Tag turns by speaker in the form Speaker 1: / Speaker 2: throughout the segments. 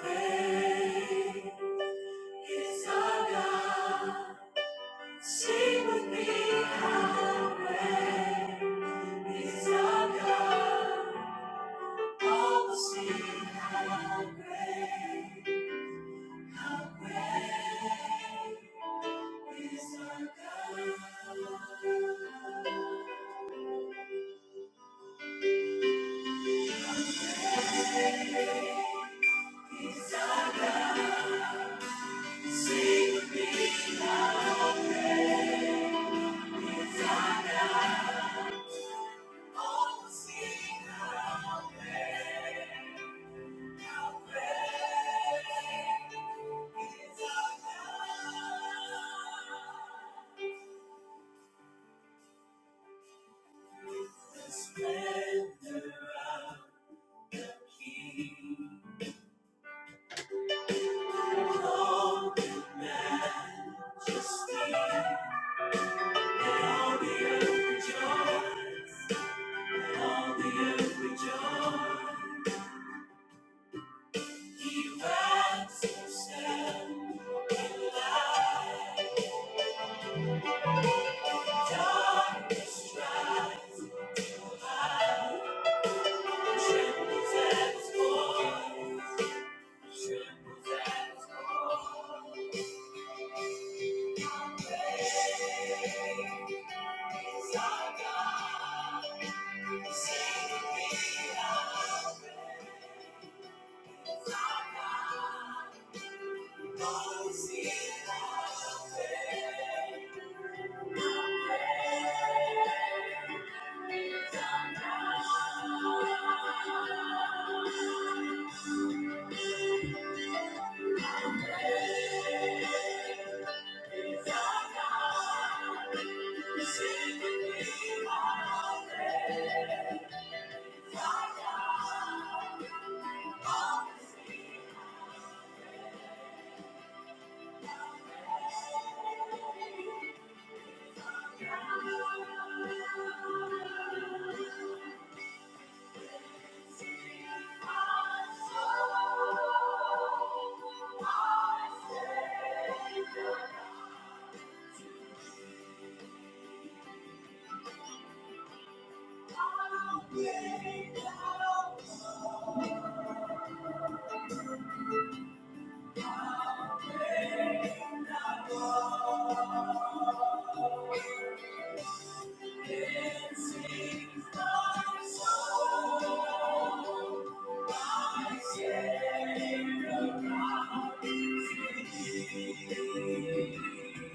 Speaker 1: Praise our God. Sing with me, how great is our God. All will sing, how great, how great is our God. Is our God. Sing with me, how great. Let all the Let Let earth rejoice. Let All the earth rejoice. You rise to stand in light. Darkness tries to hide. Trembles at His voice. Trembles at His voice. Great is our God. Sing with me, our praise, our God. Thank you. Savior, God,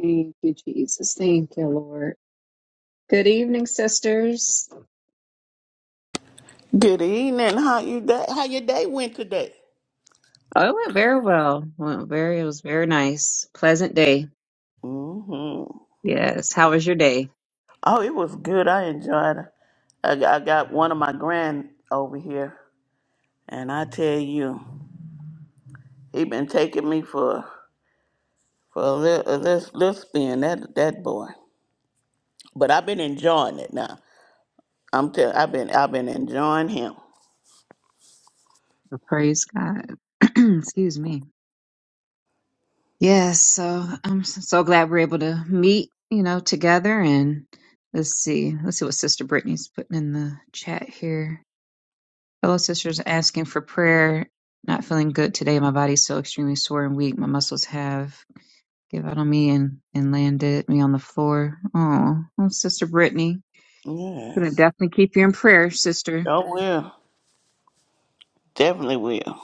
Speaker 1: Thank you, Jesus. Thank you, Lord. Good evening, sisters.
Speaker 2: Good evening. How you day, how your day went today?
Speaker 1: Oh, it went very well. Went very. It was very nice. Pleasant day.
Speaker 2: hmm
Speaker 1: Yes. How was your day?
Speaker 2: Oh, it was good. I enjoyed it. I, got- I got one of my grand over here, and I tell you, he been taking me for for a little a little, little spin. That that boy. But I've been enjoying it now. I'm tell I've been I've been enjoying him.
Speaker 1: Praise God. Excuse me. Yes, so I'm s- so glad we're able to meet, you know, together. And let's see, let's see what Sister Brittany's putting in the chat here. Fellow sisters, asking for prayer. Not feeling good today. My body's so extremely sore and weak. My muscles have give out on me and and landed me on the floor. Oh, oh Sister Brittany, gonna
Speaker 2: Yes.
Speaker 1: definitely keep you in prayer, Sister.
Speaker 2: Oh will. Definitely will.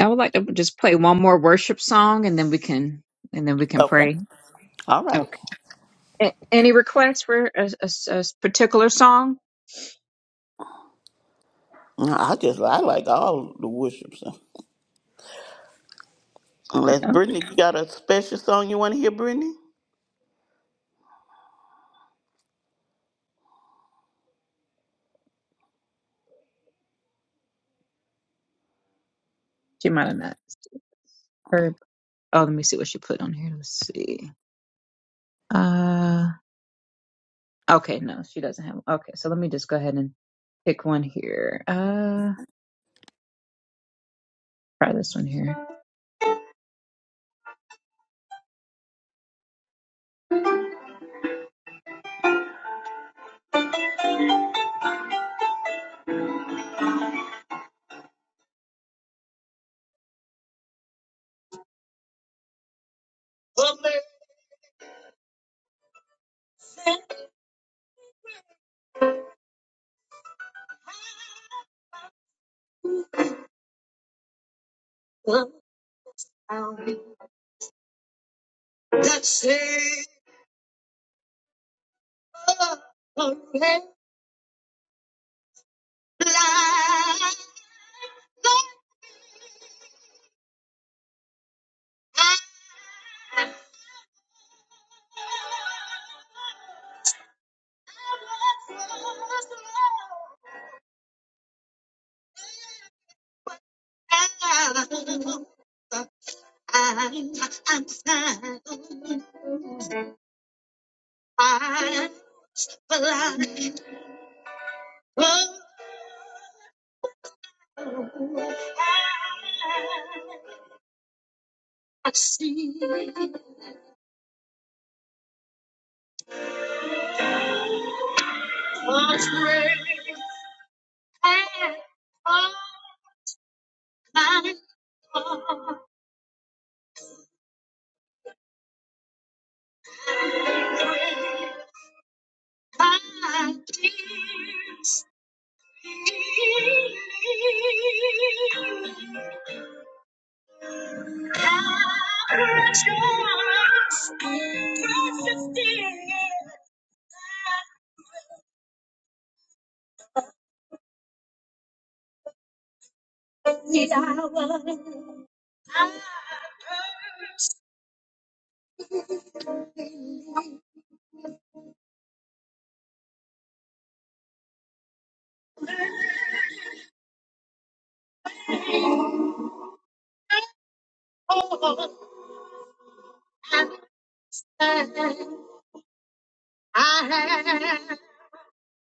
Speaker 1: I would like to just play one more worship song, and then we can and then we can
Speaker 2: Okay.
Speaker 1: pray.
Speaker 2: All right.
Speaker 1: Okay. A- any requests for a, a s- a s- particular song?
Speaker 2: No, I just I like all the worships. Unless
Speaker 1: Oh,
Speaker 2: Brittany, you got a special song you want to hear, Brittany?
Speaker 1: she might have not heard. Oh, let me see what she put on here. Let's see. Uh, okay, no, she doesn't have. Okay, so let me just go ahead and pick one here. Uh, try this one here. I see a trail of I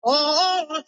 Speaker 1: Oh,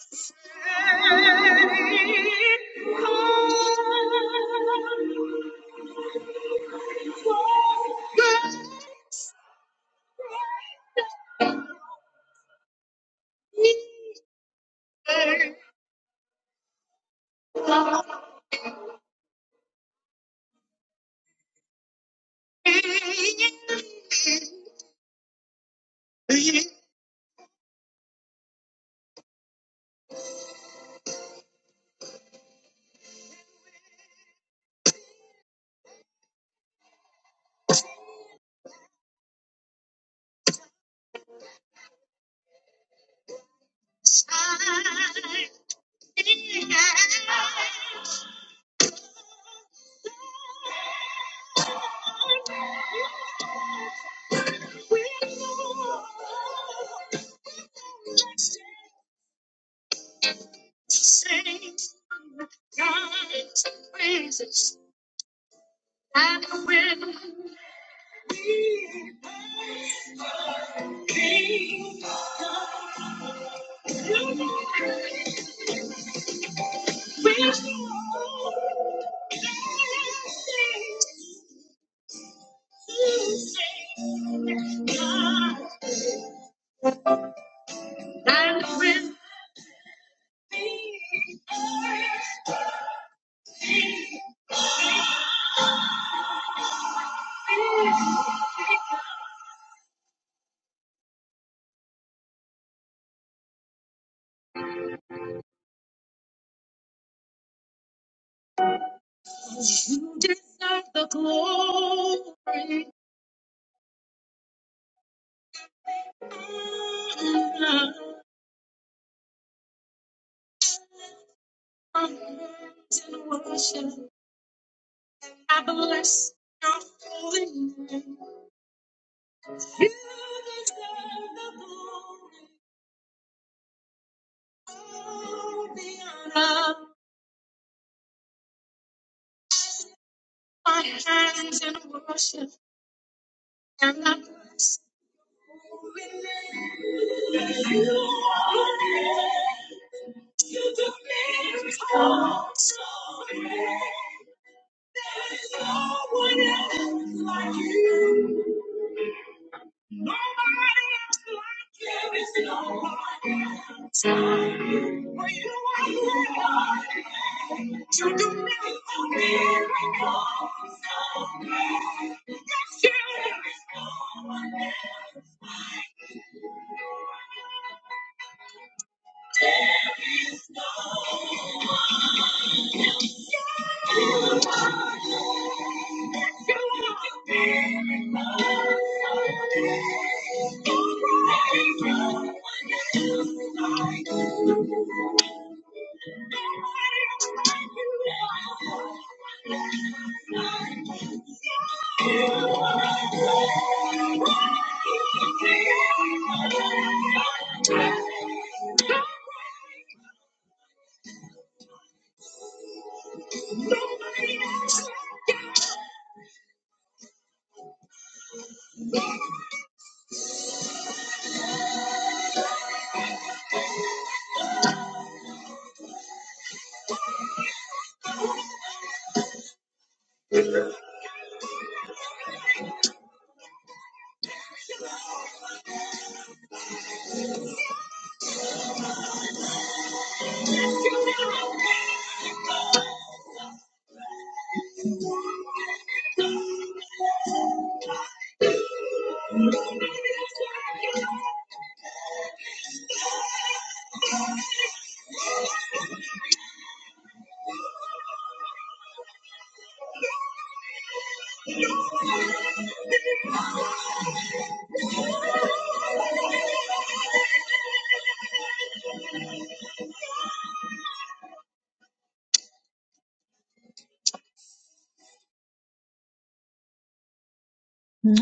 Speaker 1: Sing God's praises. And when we the King, of glory, we will sing, sing, And when you deserve the glory, honor, and worship. I bless your holy name. You deserve the glory, all the honor. My hands in worship and I bless your holy name. You are the name, you the name, so great. No one else like you. Nobody else like you.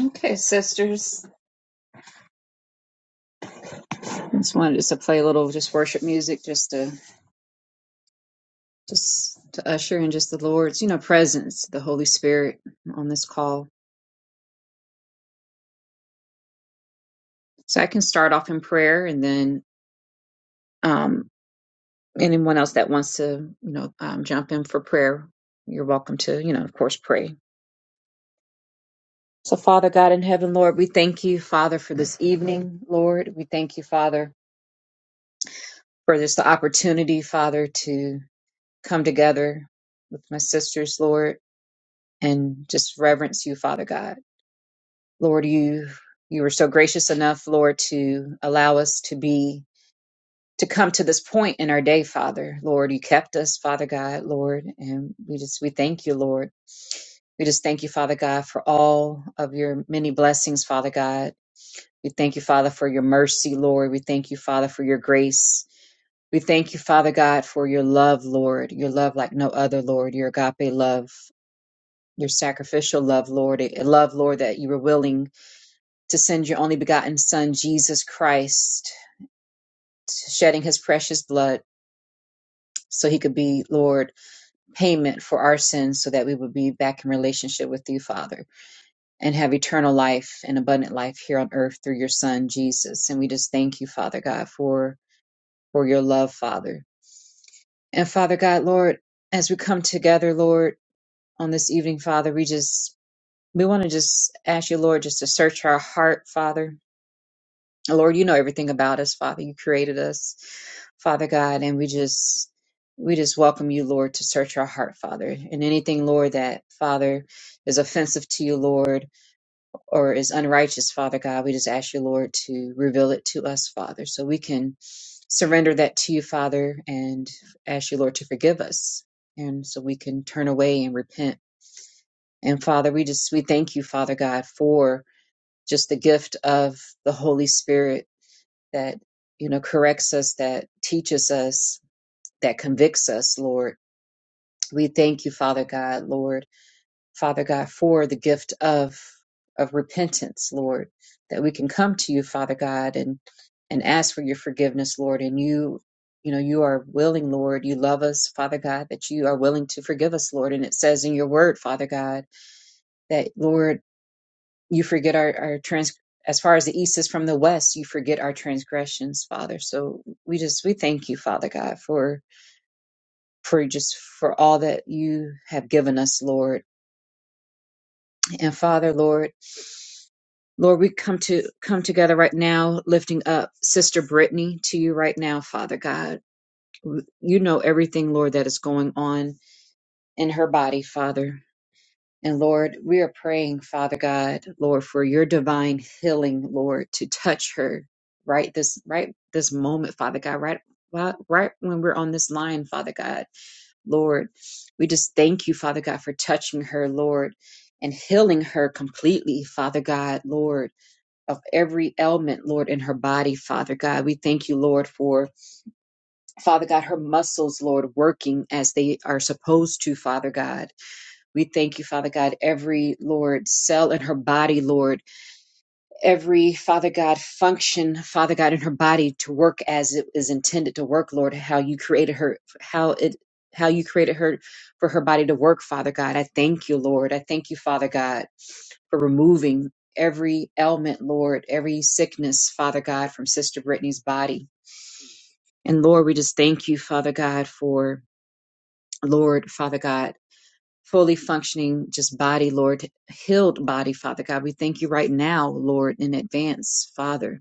Speaker 1: Okay, sisters. Just wanted us to play a little just worship music, just to just to usher in just the Lord's, you know, presence, the Holy Spirit on this call. So I can start off in prayer, and then um, anyone else that wants to, you know, um, jump in for prayer, you're welcome to, you know, of course, pray. So, Father God in heaven, Lord, we thank you, Father, for this evening, Lord. We thank you, Father, for this opportunity, Father, to come together with my sisters, Lord, and just reverence you, Father God. Lord, you you were so gracious enough, Lord, to allow us to be to come to this point in our day, Father. Lord, you kept us, Father God, Lord, and we just we thank you, Lord. We just thank you, Father God, for all of your many blessings, Father God We thank you, Father, for your mercy, Lord. We thank you, Father, for your grace. We thank you, Father God, for your love, Lord, your love like no other, Lord, your agape love, your sacrificial love, Lord, a love, Lord, that you were willing to send your only begotten Son, Jesus Christ, shedding his precious blood so he could be, Lord, payment for our sins so that we would be back in relationship with you, Father, and have eternal life and abundant life here on earth through your Son, Jesus. And we just thank you, Father God, for for your love, Father. And Father God, Lord, as we come together, Lord, on this evening, Father, we just, we want to just ask you, Lord, just to search our heart, Father. And Lord, you know everything about us, Father. You created us, Father God, and we just, we just welcome you, Lord, to search our heart, Father. And anything, Lord, that, Father, is offensive to you, Lord, or is unrighteous, Father God. We just ask you, Lord, to reveal it to us, Father, so we can surrender that to you, Father, and ask you, Lord, to forgive us. And so we can turn away and repent. And Father, we just, we thank you, Father God, for just the gift of the Holy Spirit that, you know, corrects us, that teaches us, that convicts us, Lord. We thank you, Father God, Lord. Father God, for the gift of of repentance, Lord, that we can come to you, Father God, and and ask for your forgiveness, Lord. And you, you know, you are willing, Lord. You love us, Father God, that you are willing to forgive us, Lord. And it says in your word, Father God, that Lord, you forget our, our trans as far as the east is from the west, you forget our transgressions, Father. So we just we thank you, Father God, for for just for all that you have given us, Lord. And Father, Lord. Lord, we come to come together right now, lifting up Sister Brittany to you right now, Father God. You know everything, Lord, that is going on in her body, Father. And Lord, we are praying, Father God, Lord, for your divine healing, Lord, to touch her right this right this moment, Father God, right right right when we're on this line, Father God. Lord, we just thank you, Father God, for touching her, Lord, and healing her completely, Father God, Lord of every ailment, Lord, in her body, Father God. We thank you, Lord, for, Father God, her muscles, Lord, working as they are supposed to, Father God. We thank you, Father God, every, Lord, cell in her body, Lord every Father God function, Father God, in her body to work as it is intended to work, Lord, how you created her, how it how you created her for her body to work, Father God. I thank you, Lord. I thank you, Father God, for removing every ailment, Lord, every sickness, Father God, from Sister Brittany's body. And Lord, we just thank you, Father God, for Lord, Father God, fully functioning just body, Lord, healed body, Father God. We thank you right now, Lord, in advance, Father.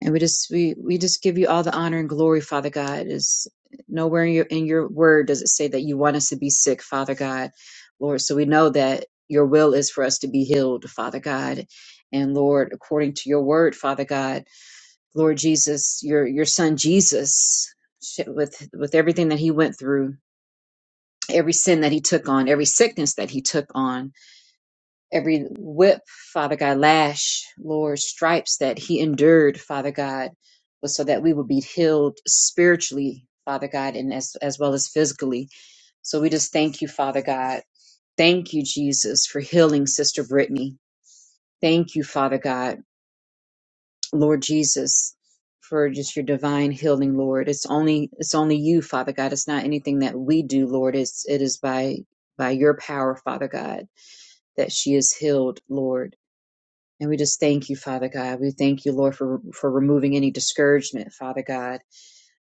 Speaker 1: And we just we we just give you all the honor and glory, Father God. Is nowhere in your in your word does it say that you want us to be sick, Father God, Lord. So we know that your will is for us to be healed, Father God. And Lord, according to your word, Father God, Lord Jesus, your your son Jesus, with with everything that he went through, every sin that he took on, every sickness that he took on every whip, Father God, lash, Lord, stripes that he endured, Father God, was so that we would be healed spiritually, Father God, and as, as well as physically. So we just thank you, Father God. Thank you, Jesus, for healing Sister Brittany. Thank you, Father God, Lord Jesus, for just your divine healing, Lord. It's only it's only you, Father God. It's not anything that we do, Lord. It's it is by by your power, Father God, that she is healed, Lord. And we just thank you, Father God. We thank you, Lord, for, for removing any discouragement, Father God.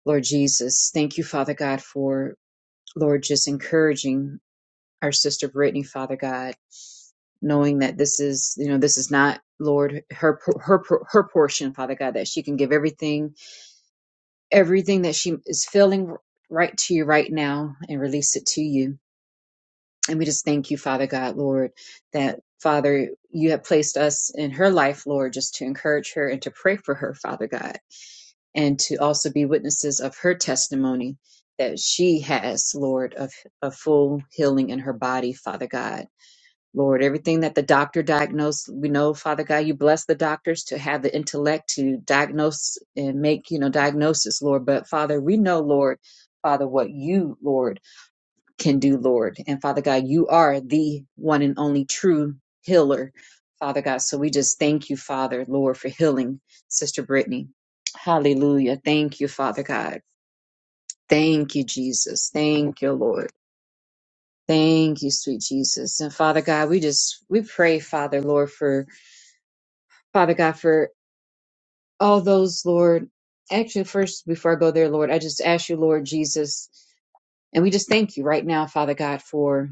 Speaker 1: Lord Jesus, thank you, Father God, for, Lord, just encouraging our sister Brittany, Father God, knowing that this is, you know, this is not, Lord, her, her, her portion, Father God, that she can give everything, everything that she is feeling right to you right now and release it to you. And we just thank you, Father God, Lord, that Father, you have placed us in her life, Lord, just to encourage her and to pray for her, Father God. and to also be witnesses of her testimony that she has, Lord, of a full healing in her body, Father God. Lord, everything that the doctor diagnosed, we know, Father God, you bless the doctors to have the intellect to diagnose and make, you know, diagnosis, Lord. But Father, we know, Lord, Father, what you, Lord, can do, Lord. And Father God, you are the one and only true healer, Father God. So we just thank you, Father, Lord, for healing Sister Brittany. Hallelujah. Thank you, Father God. Thank you, Jesus. Thank you, Lord. Thank you, sweet Jesus. And Father God, we just, we pray, Father, Lord, for, Father God, for all those, Lord. Actually, first, before I go there, Lord, I just ask you, Lord Jesus, and we just thank you right now, Father God, for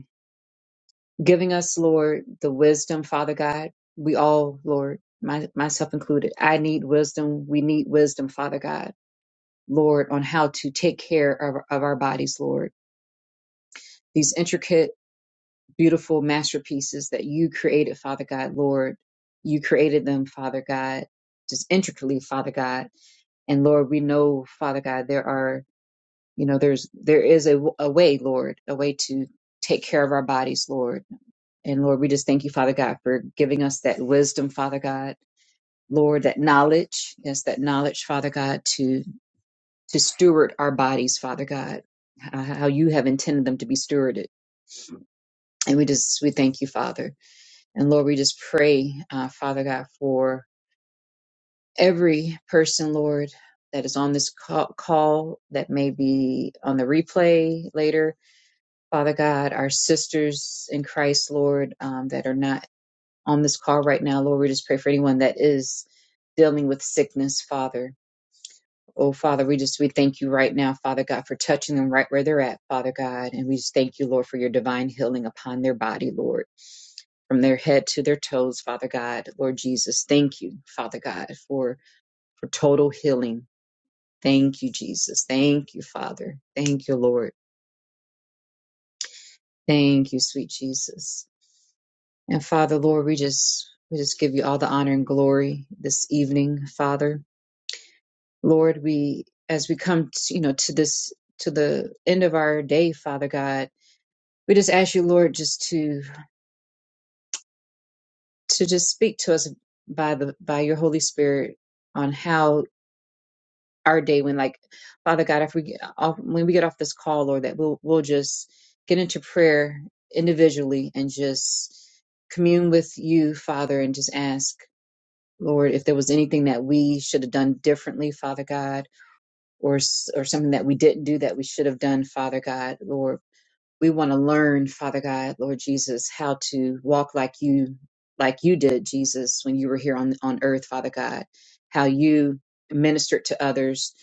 Speaker 1: giving us, Lord, the wisdom, Father God. We all, Lord, my, myself included, I need wisdom. We need wisdom, Father God, Lord, on how to take care of, of our bodies, Lord. These intricate, beautiful masterpieces that you created, Father God, Lord. You created them, Father God, just intricately, Father God. And Lord, we know, Father God, there are, you know, there's, there is a, a way, Lord, a way to take care of our bodies, Lord And Lord, we just thank you, Father God, for giving us that wisdom, Father God. Lord, that knowledge, yes, that knowledge, Father God, to to steward our bodies, Father God, h- how you have intended them to be stewarded. And we just we thank you, Father. And Lord, we just pray, uh, Father God, for every person, Lord, that is on this call, call that may be on the replay later. Father God, our sisters in Christ, Lord, um, that are not on this call right now. Lord, we just pray for anyone that is dealing with sickness, Father. Oh, Father, we just, we thank you right now, Father God, for touching them right where they're at, Father God. And we just thank you, Lord, for your divine healing upon their body, Lord, from their head to their toes, Father God. Lord Jesus, thank you, Father God, for, for total healing. Thank you, Jesus. Thank you, Father. Thank you, Lord. Thank you, sweet Jesus. And Father, Lord, we just, we just give you all the honor and glory this evening, Father. Lord, we as we come to, you know to this to the end of our day, Father God, we just ask you, Lord, just to to just speak to us by the by your Holy Spirit on how our day went. like Father God, if we get off when we get off this call, Lord, that we'll we'll just get into prayer individually and just commune with you, Father, and just ask, Lord, if there was anything that we should have done differently, Father God or or something that we didn't do that we should have done, Father God, Lord. We want to learn, Father God, Lord Jesus, how to walk like you like you did, Jesus, when you were here on on earth, Father God. How you ministered to others,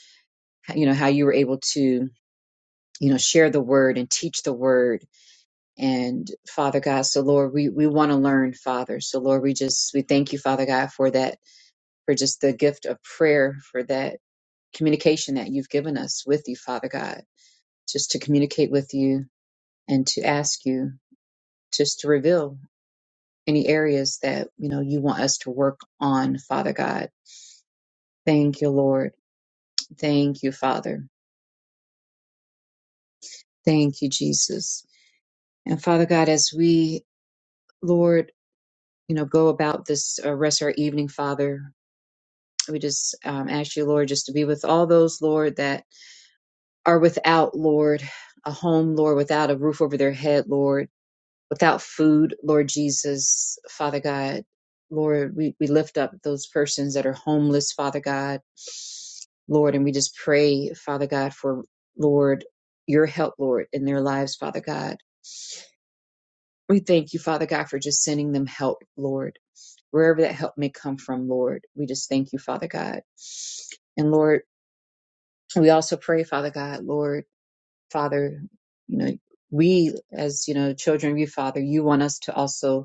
Speaker 1: how- you know, how you were able to, you know, share the word and teach the word. And Father God, so Lord, we we want to learn, Father. So Lord, we just we thank you, Father God, for that for just the gift of prayer, for that communication that you've given us with you, Father God. just to communicate with you and to ask you just to reveal any areas that you know you want us to work on father god thank you lord thank you father thank you jesus and father god as we lord you know go about this uh, rest of our evening father we just um, ask you lord just to be with all those lord that are without lord a home lord without a roof over their head lord without food, Lord Jesus, Father God. Lord, we, we lift up those persons that are homeless, Father God. Lord, and we just pray, Father God, for Lord, your help, Lord, in their lives, Father God. We thank you, Father God, for just sending them help, Lord, wherever that help may come from, Lord. We just thank you, Father God. And Lord, we also pray, Father God, Lord, Father, you know, we as, you know, children of you, Father, you want us to also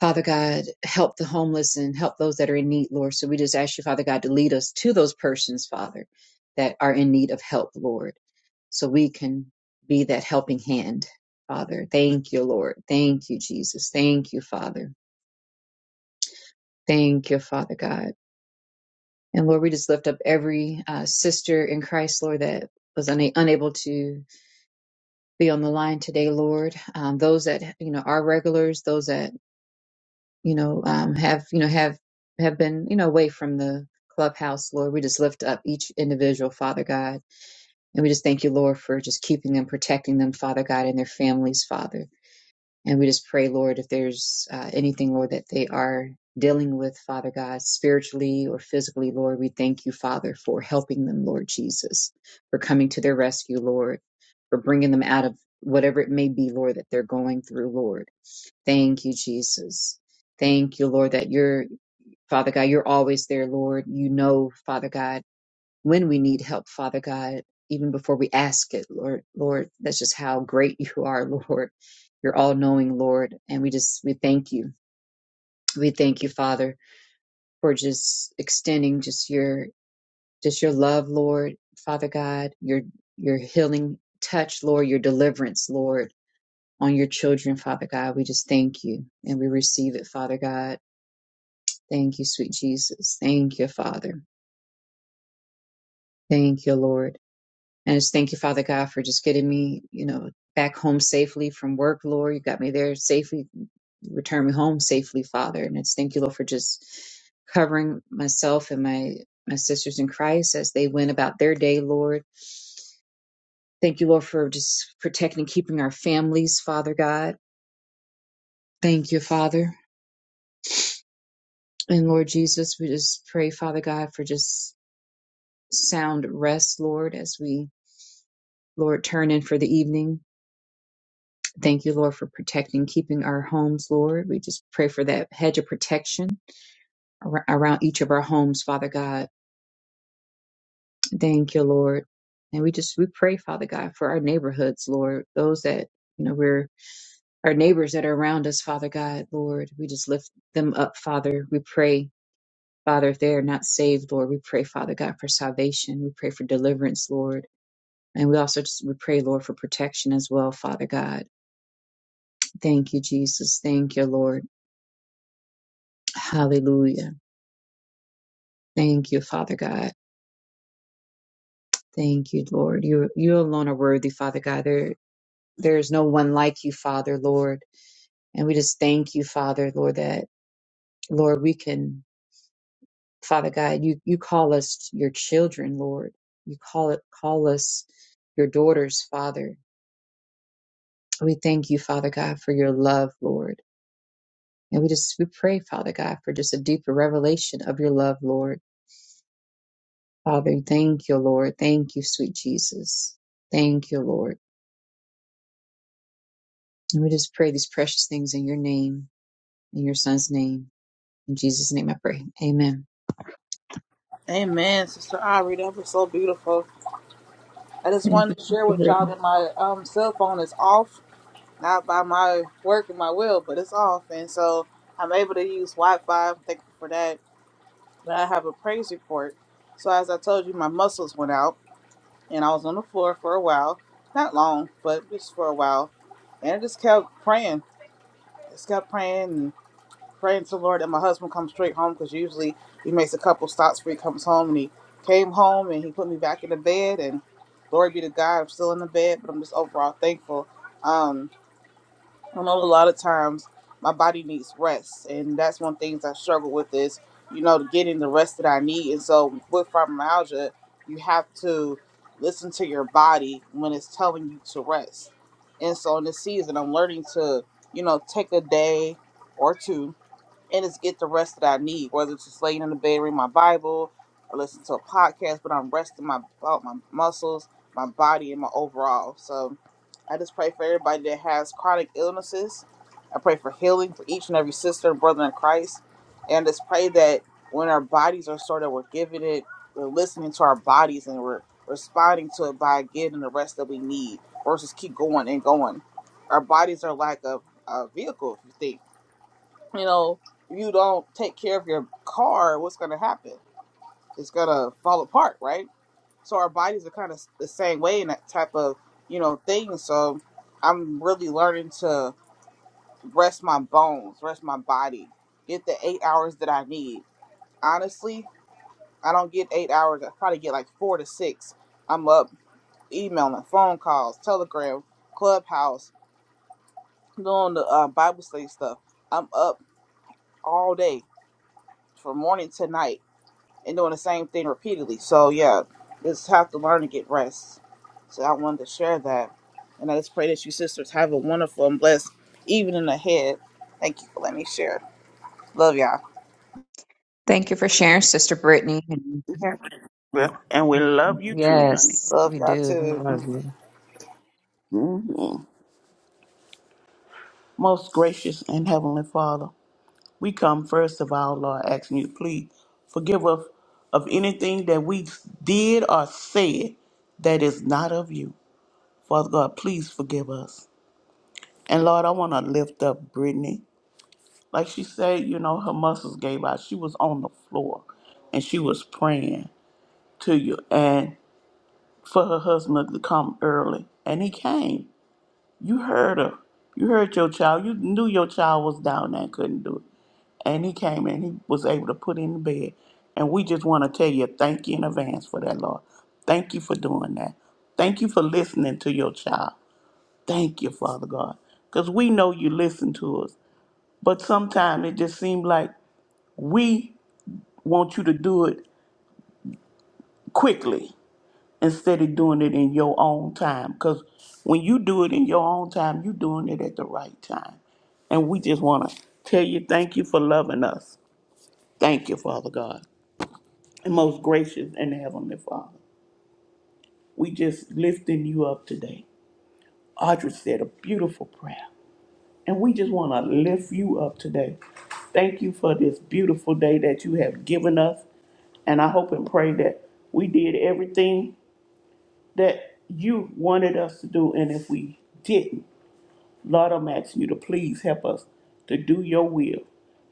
Speaker 1: Father God, help the homeless and help those that are in need, Lord. So we just ask you, Father God, to lead us to those persons, Father, that are in need of help, Lord, so we can be that helping hand, Father. Thank you, Lord. Thank you, Jesus. Thank you, Father. Thank you, Father God. And Lord, we just lift up every uh, sister in Christ, Lord, that was una- unable to be on the line today, Lord. Um, those that, you know, are regulars, those that you know, um, have you know have have been you know away from the clubhouse, Lord. We just lift up each individual, Father God, and we just thank you, Lord, for just keeping them, protecting them, Father God, and their families, Father. And we just pray, Lord, if there's uh, anything, Lord, that they are dealing with, Father God, spiritually or physically, Lord, we thank you, Father, for helping them, Lord Jesus, for coming to their rescue, Lord, for bringing them out of whatever it may be, Lord, that they're going through, Lord. Thank you, Jesus. Thank you, Lord, that you're, Father God, you're always there, Lord. You know, Father God, when we need help, Father God, even before we ask it, Lord, Lord, that's just how great you are, Lord. You're all knowing, Lord. And we just, we thank you. We thank you, Father, for just extending just your, just your love, Lord, Father God, your, your healing touch, Lord, your deliverance, Lord, on your children, Father God. We just thank you and we receive it, Father God Thank you, sweet Jesus. Thank you, Father. Thank you, Lord. And I just thank you, Father God, for just getting me, you know, back home safely from work, Lord. You got me there safely, return me home safely, Father. And it's thank you, Lord, for just covering myself and my my sisters in Christ as they went about their day, Lord. Thank you, Lord, for just protecting and keeping our families, Father God. Thank you, Father. And Lord Jesus, we just pray, Father God, for just sound rest, Lord, as we Lord, turn in for the evening. Thank you, Lord, for protecting, keeping our homes, Lord. We just pray for that hedge of protection ar- around each of our homes, Father God. Thank you, Lord. And we just, we pray, Father God, for our neighborhoods, Lord, those that, you know, we're our neighbors that are around us, Father God, Lord. We just lift them up, Father. We pray, Father, if they are not saved, Lord, we pray, Father God, for salvation. We pray for deliverance, Lord. And we also just, we pray, Lord, for protection as well, Father God. Thank you, Jesus. Thank you, Lord. Hallelujah. Thank you, Father God. Thank you, Lord. You you alone are worthy, Father God. There there is no one like you, Father, Lord. And we just thank you, Father, Lord, that Lord, we can, Father God, you you call us your children, Lord. You call it call us your daughters, Father. We thank you, Father God, for your love, Lord. And we just we pray, Father God, for just a deeper revelation of your love, Lord. Father, thank you, Lord. Thank you, sweet Jesus. Thank you, Lord. And we just pray these precious things in your name, in your son's name. In Jesus' name I pray. Amen.
Speaker 3: Amen, Sister Aubrey. That was so beautiful. I just
Speaker 1: Thank you,
Speaker 3: wanted to share
Speaker 1: Sister
Speaker 3: with y'all
Speaker 1: Brittany.
Speaker 3: that my um, cell phone is off, not by my work and my will, but it's off. And so I'm able to use Wi Fi. Thank you for that. But I have a praise report. So, as I told you, my muscles went out and I was on the floor for a while. Not long, but just for a while. And I just kept praying. Just kept praying. praying to the Lord, and my husband comes straight home because usually he makes a couple stops before he comes home. And he came home and he put me back in the bed. And glory be to God, I'm still in the bed, but I'm just overall thankful. Um, I know a lot of times my body needs rest, and that's one of the things I struggle with is you know getting the rest that I need. And so with fibromyalgia, you have to listen to your body when it's telling you to rest. And so in this season, I'm learning to you know take a day or two and it's get the rest that I need, whether it's just laying in the bed reading my Bible or listen to a podcast, but I'm resting my uh, my muscles, my body, and my overall. So I just pray for everybody that has chronic illnesses. I pray for healing for each and every sister and brother in Christ, and just pray that when our bodies are sort of we're giving it, we're listening to our bodies and we're responding to it by getting the rest that we need versus keep going and going. Our bodies are like a, a vehicle, if you think you know, if you don't take care of your car, what's going to happen? It's going to fall apart, right? So our bodies are kind of the same way in that type of, you know, thing. So I'm really learning to rest my bones, rest my body, get the eight hours that I need. Honestly, I don't get eight hours. I probably get like four to six. I'm up emailing, phone calls, Telegram, Clubhouse, doing the uh, Bible study stuff. I'm up all day from morning to night and doing the same thing repeatedly. So yeah, just have to learn to get rest. So I wanted to share that, and I just pray that you sisters have a wonderful and blessed evening ahead. Thank you for letting me share. Love y'all.
Speaker 1: Thank you for sharing, Sister Brittany.
Speaker 2: Well, and we love you too, honey.
Speaker 1: Yes,
Speaker 3: Love
Speaker 1: we
Speaker 3: y'all
Speaker 1: do. We
Speaker 3: too.
Speaker 1: love you.
Speaker 2: hmm Most gracious and heavenly Father, we come first of all, Lord, asking you, please forgive us of anything that we did or said that is not of you. Father God, please forgive us. And Lord, I want to lift up Brittany. Like she said, you know, her muscles gave out. She was on the floor and she was praying to you and for her husband to come early. And he came. You heard her. You heard your child. You knew your child was down there and couldn't do it. And he came and he was able to put in the bed. And we just want to tell you thank you in advance for that, Lord. Thank you for doing that. Thank you for listening to your child. Thank you, Father God. Because we know you listen to us. But sometimes it just seems like we want you to do it quickly. instead of doing it in your own time. Because when you do it in your own time, you're doing it at the right time. And we just want to tell you thank you for loving us. Thank you, Father God. And most gracious and heavenly Father, we just lifting you up today. Audrey said a beautiful prayer. And we just want to lift you up today. Thank you for this beautiful day that you have given us. And I hope and pray that we did everything that you wanted us to do, and if we didn't, Lord, I'm asking you to please help us to do your will.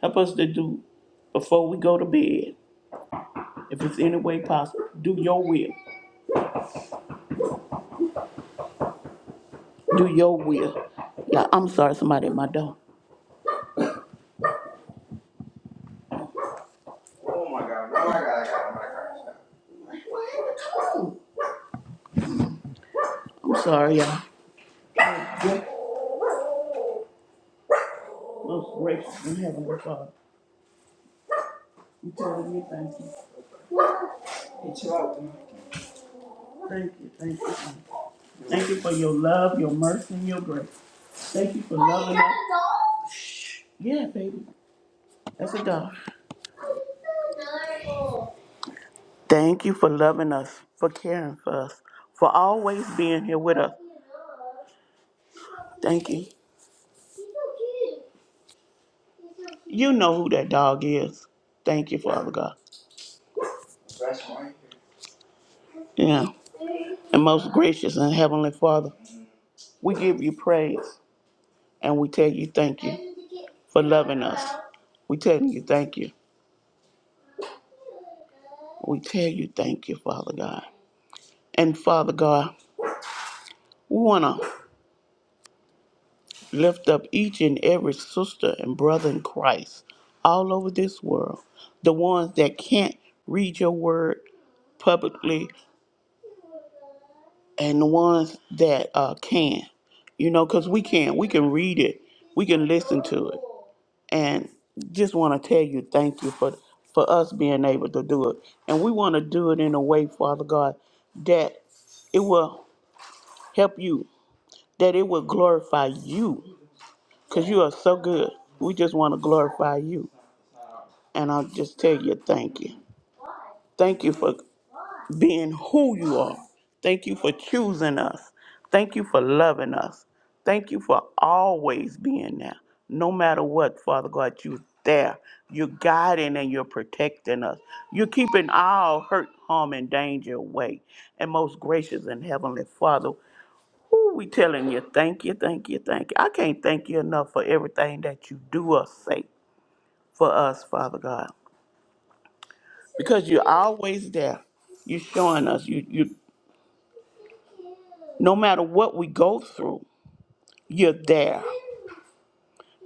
Speaker 2: Help us to do before we go to bed, if it's any way possible. Do your will. Do your will. Yeah, I'm sorry, somebody at my door. Oh my God. Oh my God. Oh my God. I'm sorry, y'all. Most gracious and heavenly Father, we tell you thank you. Thank you, thank you. thank you. Thank you for your love, your mercy, and your grace. Thank you for loving us. Yeah, baby. That's a dog. Thank you for loving us, for caring for us, for always being here with us. Thank you. You know who that dog is. Thank you, Father God. Yeah. And most gracious and heavenly Father, we give you praise. And we tell you thank you for loving us. We tell you thank you. We tell you thank you, Father God. And Father God, we want to lift up each and every sister and brother in Christ all over this world, the ones that can't read your word publicly and the ones that uh, can, you know, because we can. We can read it, we can listen to it. and just want to tell you thank you for for us being able to do it and we want to do it in a way father god that it will help you that it will glorify you because you are so good we just want to glorify you and i'll just tell you thank you Thank you for being who you are. Thank you for choosing us. Thank you for loving us. Thank you for always being there. No matter what, Father God, you're there. You're guiding and you're protecting us. You're keeping all hurt, harm, and danger away. And most gracious and heavenly Father, who we telling you thank you, thank you, thank you. I can't thank you enough for everything that you do us say for us, Father God because you're always there. You're showing us you you no matter what we go through, you're there.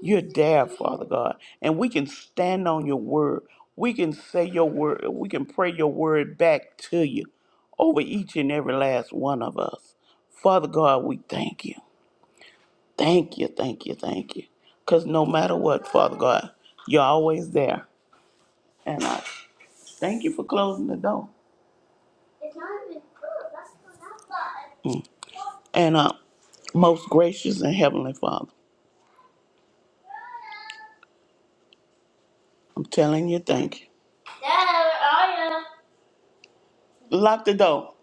Speaker 2: You're there, Father God. And we can stand on your word. We can say your word. We can pray your word back to you over each and every last one of us. Father God, we thank you. Thank you, thank you, thank you. Because no matter what, Father God, you're always there. And I thank you for closing the door. And uh, most gracious and heavenly Father, I'm telling you, thank you. Dad, where are you? Lock the door.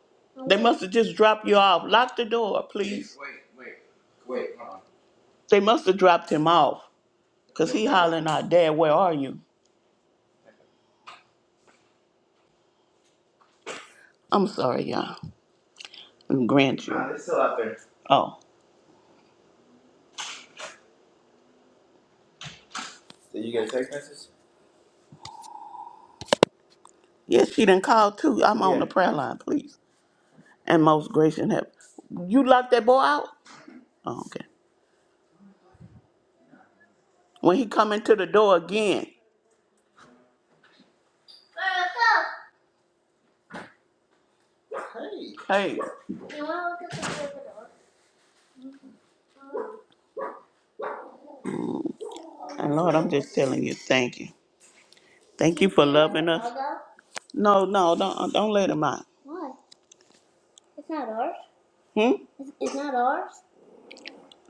Speaker 2: They must have just dropped you off. Lock the door, please. They must have dropped him off because he hollering out, Dad, where are you? I'm sorry, y'all. I'm grandchildren. Oh. Yes, she done called too. I'm on the prayer line, please. And most gracious and heaven. You locked that boy out? Oh, okay. When he come into the door again. Hey. And Lord, I'm just telling you, thank you. Thank you for loving us. No, no, don't uh, don't let him out. Why? It's not ours. Hmm? It's it's not ours.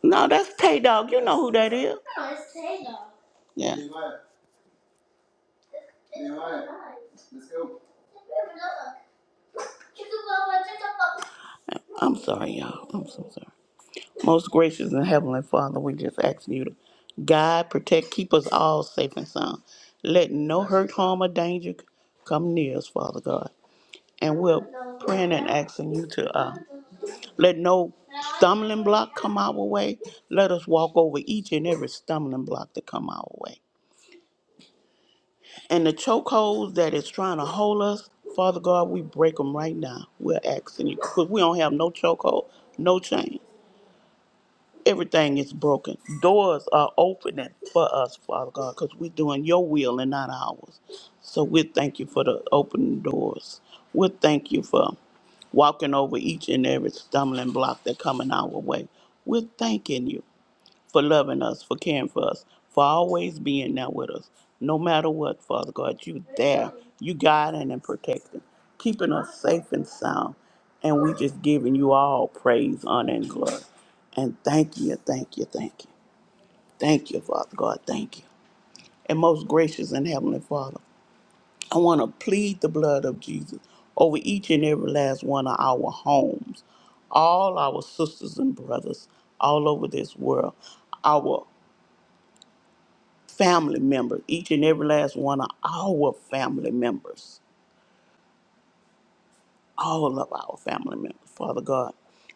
Speaker 2: No, that's Tay Dog. You know who that is. No, it's Tay Dog. Yeah. Nehemiah. Nehemiah. Let's go. I'm sorry, y'all. I'm so sorry. Most gracious and heavenly Father, we just asking you to guide, protect, keep us all safe and sound. Let no hurt, harm, or danger come near us, Father God. And we're praying and asking you to uh, let no stumbling block come our way. Let us walk over each and every stumbling block that come our way. And the chokeholds that is trying to hold us, Father God, we break them right now. We're asking you because we don't have no chokehold, no chain. Everything is broken. Doors are opening for us, Father God, because we're doing your will and not ours. So we thank you for the opening doors. We thank you for walking over each and every stumbling block that coming our way. We're thanking you for loving us, for caring for us, for always being there with us. No matter what, Father God, you there. You guiding and protecting, keeping us safe and sound. And we just giving you all praise, honor, and glory. And thank you, thank you, thank you. Thank you, Father God, thank you. And most gracious and heavenly Father, I want to plead the blood of Jesus over each and every last one of our homes, all our sisters and brothers all over this world, our family members, each and every last one of our family members, all of our family members, Father God.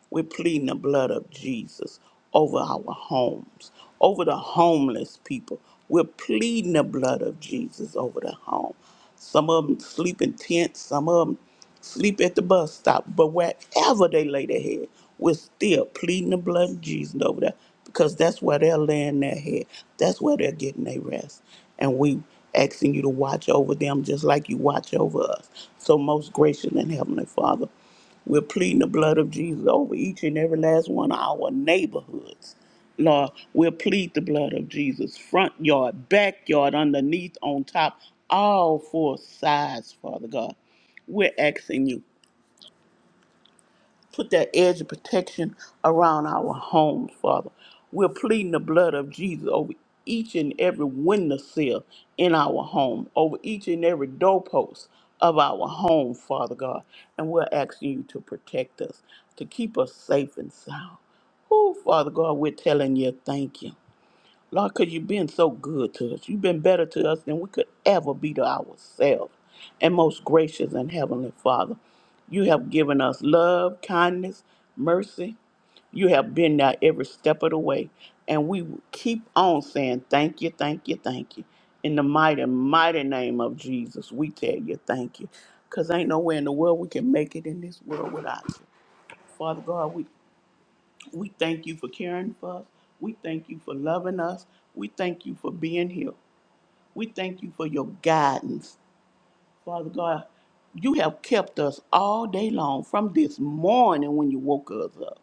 Speaker 2: We're pleading the blood of Jesus over our homes, over the homeless people. We're pleading the blood of Jesus over the home. Some of them sleep in tents, some of them sleep at the bus stop, but wherever they lay their head, we're still pleading the blood of Jesus over there because that's where they're laying their head. That's where they're getting their rest. And we asking you to watch over them just like you watch over us. So most gracious and heavenly Father, we're pleading the blood of Jesus over each and every last one of our neighborhoods. Lord, we'll plead the blood of Jesus, front yard, backyard, underneath, on top, all four sides, Father God. We're asking you Put that edge of protection around our homes, Father. We're pleading the blood of Jesus over each and every window sill in our home, over each and every doorpost of our home, Father God. And we're asking you to protect us, to keep us safe and sound. Oh, Father God, we're telling you thank you. Lord, because you've been so good to us. You've been better to us than we could ever be to ourselves. And most gracious and heavenly Father, you have given us love, kindness, mercy. You have been there every step of the way. And we will keep on saying thank you, thank you, thank you. In the mighty, mighty name of Jesus, we tell you thank you. Because ain't nowhere in the world we can make it in this world without you. Father God, we we thank you for caring for us. We thank you for loving us. We thank you for being here. We thank you for your guidance. Father God, you have kept us all day long from this morning when you woke us up.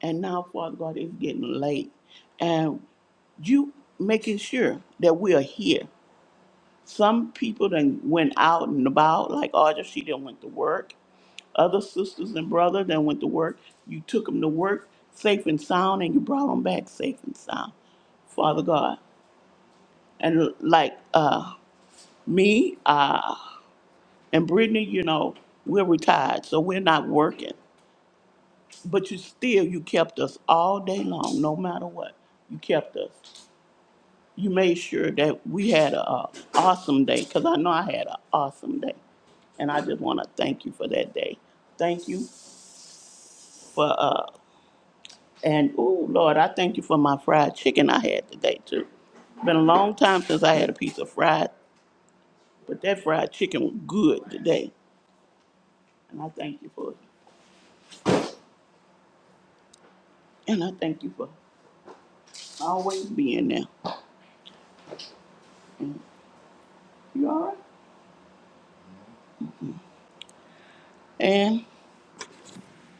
Speaker 2: And now, Father God, it's getting late. And you making sure that we are here. Some people then went out and about, like Audra, she done went to work. other sisters and brother that went to work. You took them to work safe and sound, and you brought them back safe and sound, Father God. And like uh, me uh, and Brittany, you know, we're retired, so we're not working. But you still, you kept us all day long, no matter what. You kept us. You made sure that we had a uh, awesome day, because I know I had an awesome day. And I just want to thank you for that day. Thank you for uh, And oh Lord, I thank you for my fried chicken I had today too. Been a long time since I had a piece of fried, but that fried chicken was good today. And I thank you for it. And I thank you for always being there. You all right? And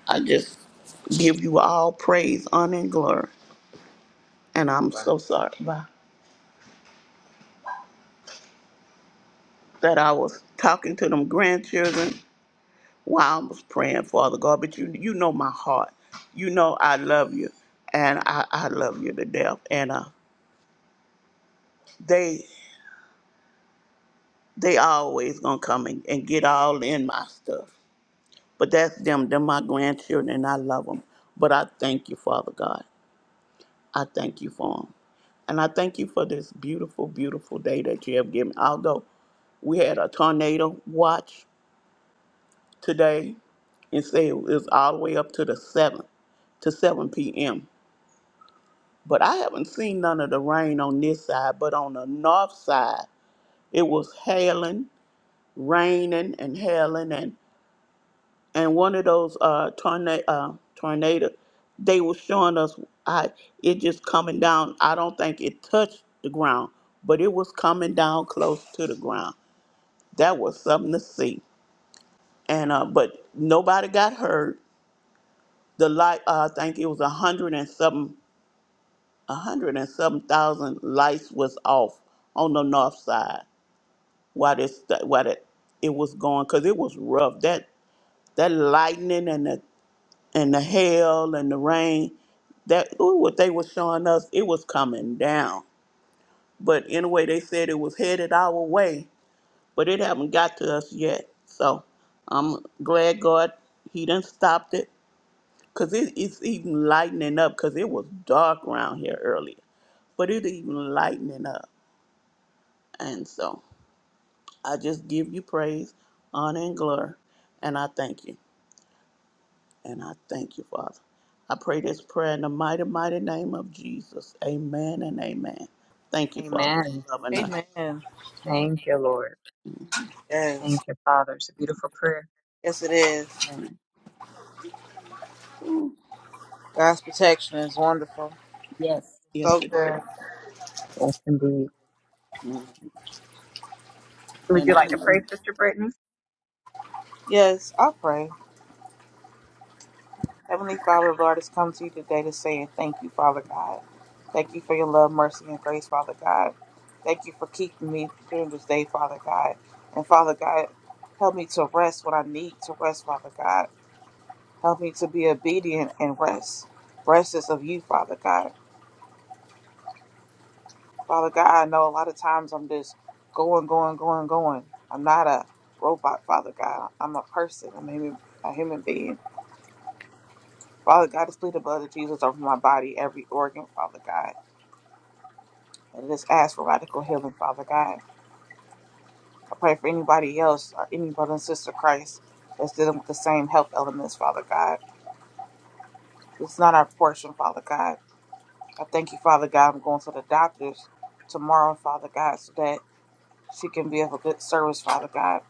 Speaker 2: I just give you all praise, honor, and glory. And I'm so sorry about that I was talking to them grandchildren while I was praying, Father God. But you you know my heart. You know I love you. And I, I love you to death. And uh, they They always gonna come and, and get all in my stuff. But that's them. They're my grandchildren, and I love them. But I thank you, Father God. I thank you for them. And I thank you for this beautiful, beautiful day that you have given. Although we had a tornado watch today and say it was all the way up to the 7th, to 7 p.m. But I haven't seen none of the rain on this side, but on the north side, it was hailing, raining, and hailing. and and one of those uh tornado uh, tornado they were showing us i it just coming down i don't think it touched the ground but it was coming down close to the ground that was something to see and uh but nobody got hurt the light uh, i think it was a hundred and something a hundred and something thousand lights was off on the north side while this while it, it was going because it was rough that that lightning and the and the hail and the rain that ooh, what they were showing us it was coming down but anyway they said it was headed our way but it haven't got to us yet so i'm glad god he done stopped it because it, it's even lightening up because it was dark around here earlier but it even lightening up and so i just give you praise honor and glory and i thank you And I thank you, Father. I pray this prayer in the mighty, mighty name of Jesus. Amen and amen. Thank you, Father,
Speaker 1: Amen.
Speaker 2: for loving us.
Speaker 3: Amen.
Speaker 1: Thank you, Lord. Thank
Speaker 3: Yes,
Speaker 1: you, Father. It's a beautiful prayer.
Speaker 3: yes it is.
Speaker 2: And, mm,
Speaker 3: God's protection is wonderful.
Speaker 2: yes,
Speaker 3: So
Speaker 2: yes, it is.
Speaker 3: good.
Speaker 1: Yes, indeed.
Speaker 2: Mm.
Speaker 1: Would
Speaker 2: And
Speaker 1: you
Speaker 2: I
Speaker 1: like to
Speaker 2: know.
Speaker 1: pray, Sister Brittany?
Speaker 3: Yes, I pray. Heavenly Father, Lord, has come to you today to say thank you, Father God. Thank you for your love, mercy, and grace, Father God. Thank you for keeping me during this day, Father God. And Father God, help me to rest when I need to rest, Father God. Help me to be obedient and rest. Rest is of you, Father God. Father God, I know a lot of times I'm just going, going, going, going. I'm not a robot, Father God. I'm a person. I'm a human, a human being. Father God, just plead the blood of Jesus over my body, every organ, Father God. And just ask for radical healing, Father God. I pray for anybody else or any brother and sister Christ that's dealing with the same health elements, Father God. It's not our portion, Father God. I thank you, Father God. I'm going to the doctors tomorrow, Father God, so that she can be of a good service, Father God.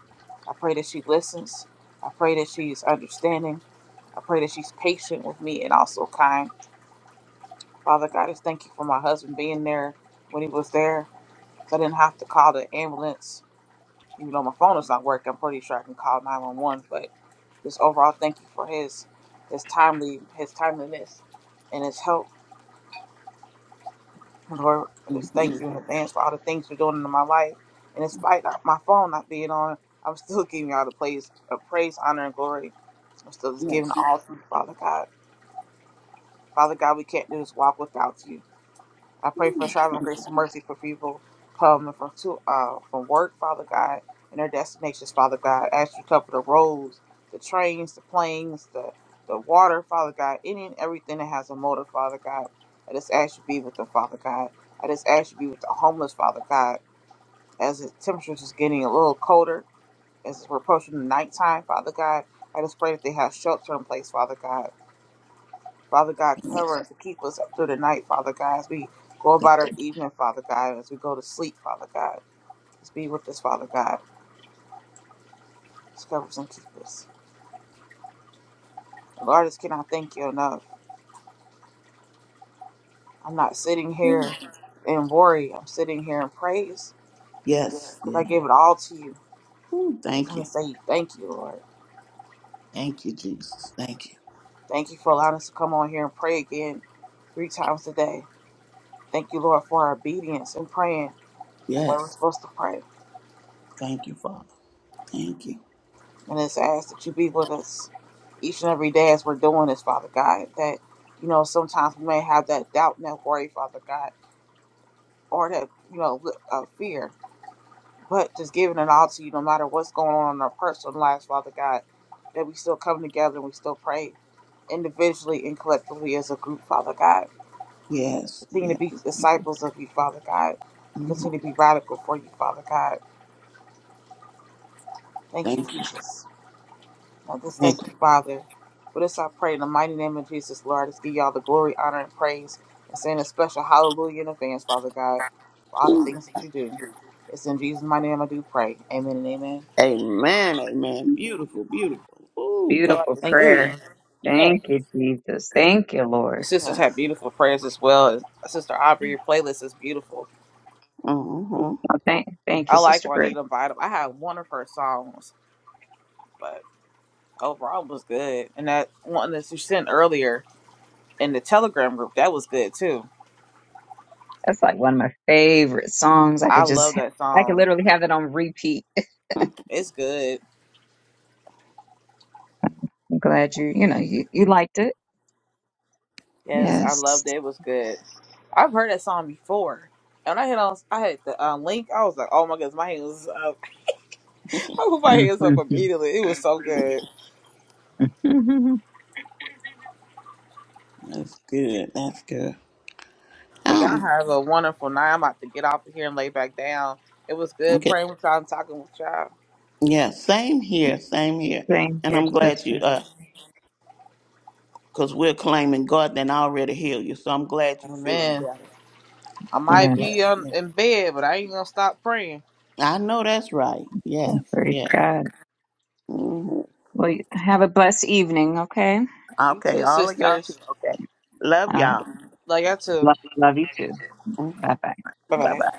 Speaker 3: I pray that she listens. I pray that she's understanding. I pray that she's patient with me and also kind. Father God, I just thank you for my husband being there when he was there. So I didn't have to call the ambulance You know, my phone is not working. I'm pretty sure I can call 911, but just overall, thank you for his his timely his timeliness and his help. Lord, just thank
Speaker 2: mhm,
Speaker 3: you in advance for all the things you're doing in my life. And despite not- my phone not being on, I'm still giving you all the praise, uh, praise, honor, and glory. I'm still just giving
Speaker 2: Yes,
Speaker 3: all to you, Father God. Father God, we can't do this walk without you. I pray for traveling grace and mercy for people coming from to uh from work, Father God, and their destinations, Father God. As you cover the roads, the trains, the planes, the the water, Father God, any and everything that has a motor, Father God. I just ask you to be with them, Father God. I just ask you to be with the homeless, Father God. As the temperatures is getting a little colder, as we're approaching the nighttime, Father God, I just pray that they have shelter in place, Father God. Father God, cover
Speaker 2: yes,
Speaker 3: us and keep us up through the night, Father God, as we go
Speaker 2: thank
Speaker 3: about our evening, Father God, as we go to sleep, Father God. Just be with us, Father God. Just cover us and keep us. Lord, I just cannot thank you enough. I'm not sitting
Speaker 2: you.
Speaker 3: here in worry. I'm sitting here in praise
Speaker 2: yes,
Speaker 3: because I
Speaker 2: yeah.
Speaker 3: gave it all to you.
Speaker 2: Mm,
Speaker 3: I just
Speaker 2: Thank
Speaker 3: want
Speaker 2: you.
Speaker 3: to say thank you, Lord.
Speaker 2: Thank you, Jesus. Thank you.
Speaker 3: Thank you for allowing us to come on here and pray again three times a day. Thank you, Lord, for our obedience and praying the way we're
Speaker 2: Yes,
Speaker 3: supposed to pray.
Speaker 2: thank you, Father. Thank you.
Speaker 3: And just ask that you be with us each and every day as we're doing this, Father God. That, you know, sometimes we may have that doubt and that worry, Father God, or that, you know, uh, fear. But just giving it all to you, no matter what's going on in our personal lives, Father God, that we still come together and we still pray individually and collectively as a group, Father God.
Speaker 2: Yes,
Speaker 3: Continue
Speaker 2: yeah.
Speaker 3: to be
Speaker 2: Thank you.
Speaker 3: disciples of you, Father God.
Speaker 2: Mhm.
Speaker 3: Continue to be radical for you, Father God. Thank you,
Speaker 2: Thank you.
Speaker 3: Jesus. I just
Speaker 2: Thank
Speaker 3: thank you, Father. For this I pray in the mighty name of Jesus, Lord. I Just give y'all the glory, honor, and praise. And saying a special hallelujah in advance, Father God, for all the
Speaker 2: you.
Speaker 3: things that you do. It's in Jesus' mighty name I do pray. Amen and amen.
Speaker 2: Amen. Amen. Beautiful. Beautiful. Oh, God
Speaker 1: Beautiful
Speaker 2: is
Speaker 3: Thank
Speaker 2: good.
Speaker 3: you.
Speaker 1: prayer.
Speaker 2: Yes.
Speaker 1: Thank you, Jesus. Thank you,
Speaker 3: Your
Speaker 1: Lord.
Speaker 3: sisters have
Speaker 2: Yes.
Speaker 3: beautiful prayers as well. Sister Aubrey, your playlist is beautiful.
Speaker 2: hmm
Speaker 1: Oh, Thank, thank you,
Speaker 3: I like
Speaker 1: Sister Brittany.
Speaker 3: Juanita Bottom. I have one of her songs, but overall it was good. And that one that you sent earlier in the Telegram group, that was good too.
Speaker 1: That's like one of my favorite songs. I
Speaker 3: I
Speaker 1: could
Speaker 3: love
Speaker 1: just,
Speaker 3: that
Speaker 1: I could
Speaker 3: song.
Speaker 1: literally have it on repeat.
Speaker 3: It's good.
Speaker 1: I'm glad you, you know, you, you liked it.
Speaker 3: Yes, I
Speaker 1: Yes.
Speaker 3: loved it. It was good. I've heard that song before. And I hit on, I had the um, link. I was like, oh my goodness, my hands up. I put my hands up
Speaker 1: Mm-hmm.
Speaker 3: immediately. It was so good.
Speaker 2: That's good. That's good.
Speaker 3: Well, y'all
Speaker 2: Um.
Speaker 3: have a wonderful night. I'm about to get off of here and lay back down. It was good
Speaker 2: Okay.
Speaker 3: praying with y'all and talking with y'all.
Speaker 2: Yeah. Same here. Same here.
Speaker 1: Same
Speaker 2: And
Speaker 1: here,
Speaker 2: I'm glad
Speaker 1: sister.
Speaker 2: you. Uh. Cause we're claiming God then already healed you. So I'm glad you feeling
Speaker 3: Amen.
Speaker 2: better.
Speaker 3: I
Speaker 2: I'm
Speaker 1: Yeah.
Speaker 3: might
Speaker 2: glad.
Speaker 3: be um,
Speaker 2: Yeah.
Speaker 3: in bed, but I ain't gonna stop praying.
Speaker 2: I know that's right. Yes.
Speaker 1: Praise
Speaker 2: Yes.
Speaker 1: God.
Speaker 2: hmm
Speaker 1: Well, you- have a blessed evening, okay?
Speaker 3: You
Speaker 2: Okay.
Speaker 3: too,
Speaker 2: All of y'all too.
Speaker 3: sisters.
Speaker 2: Okay. Love
Speaker 1: All right.
Speaker 2: y'all.
Speaker 3: Love y'all too.
Speaker 1: Love, love you too.
Speaker 2: Bye
Speaker 1: Bye bye.
Speaker 3: Bye bye.
Speaker 2: bye.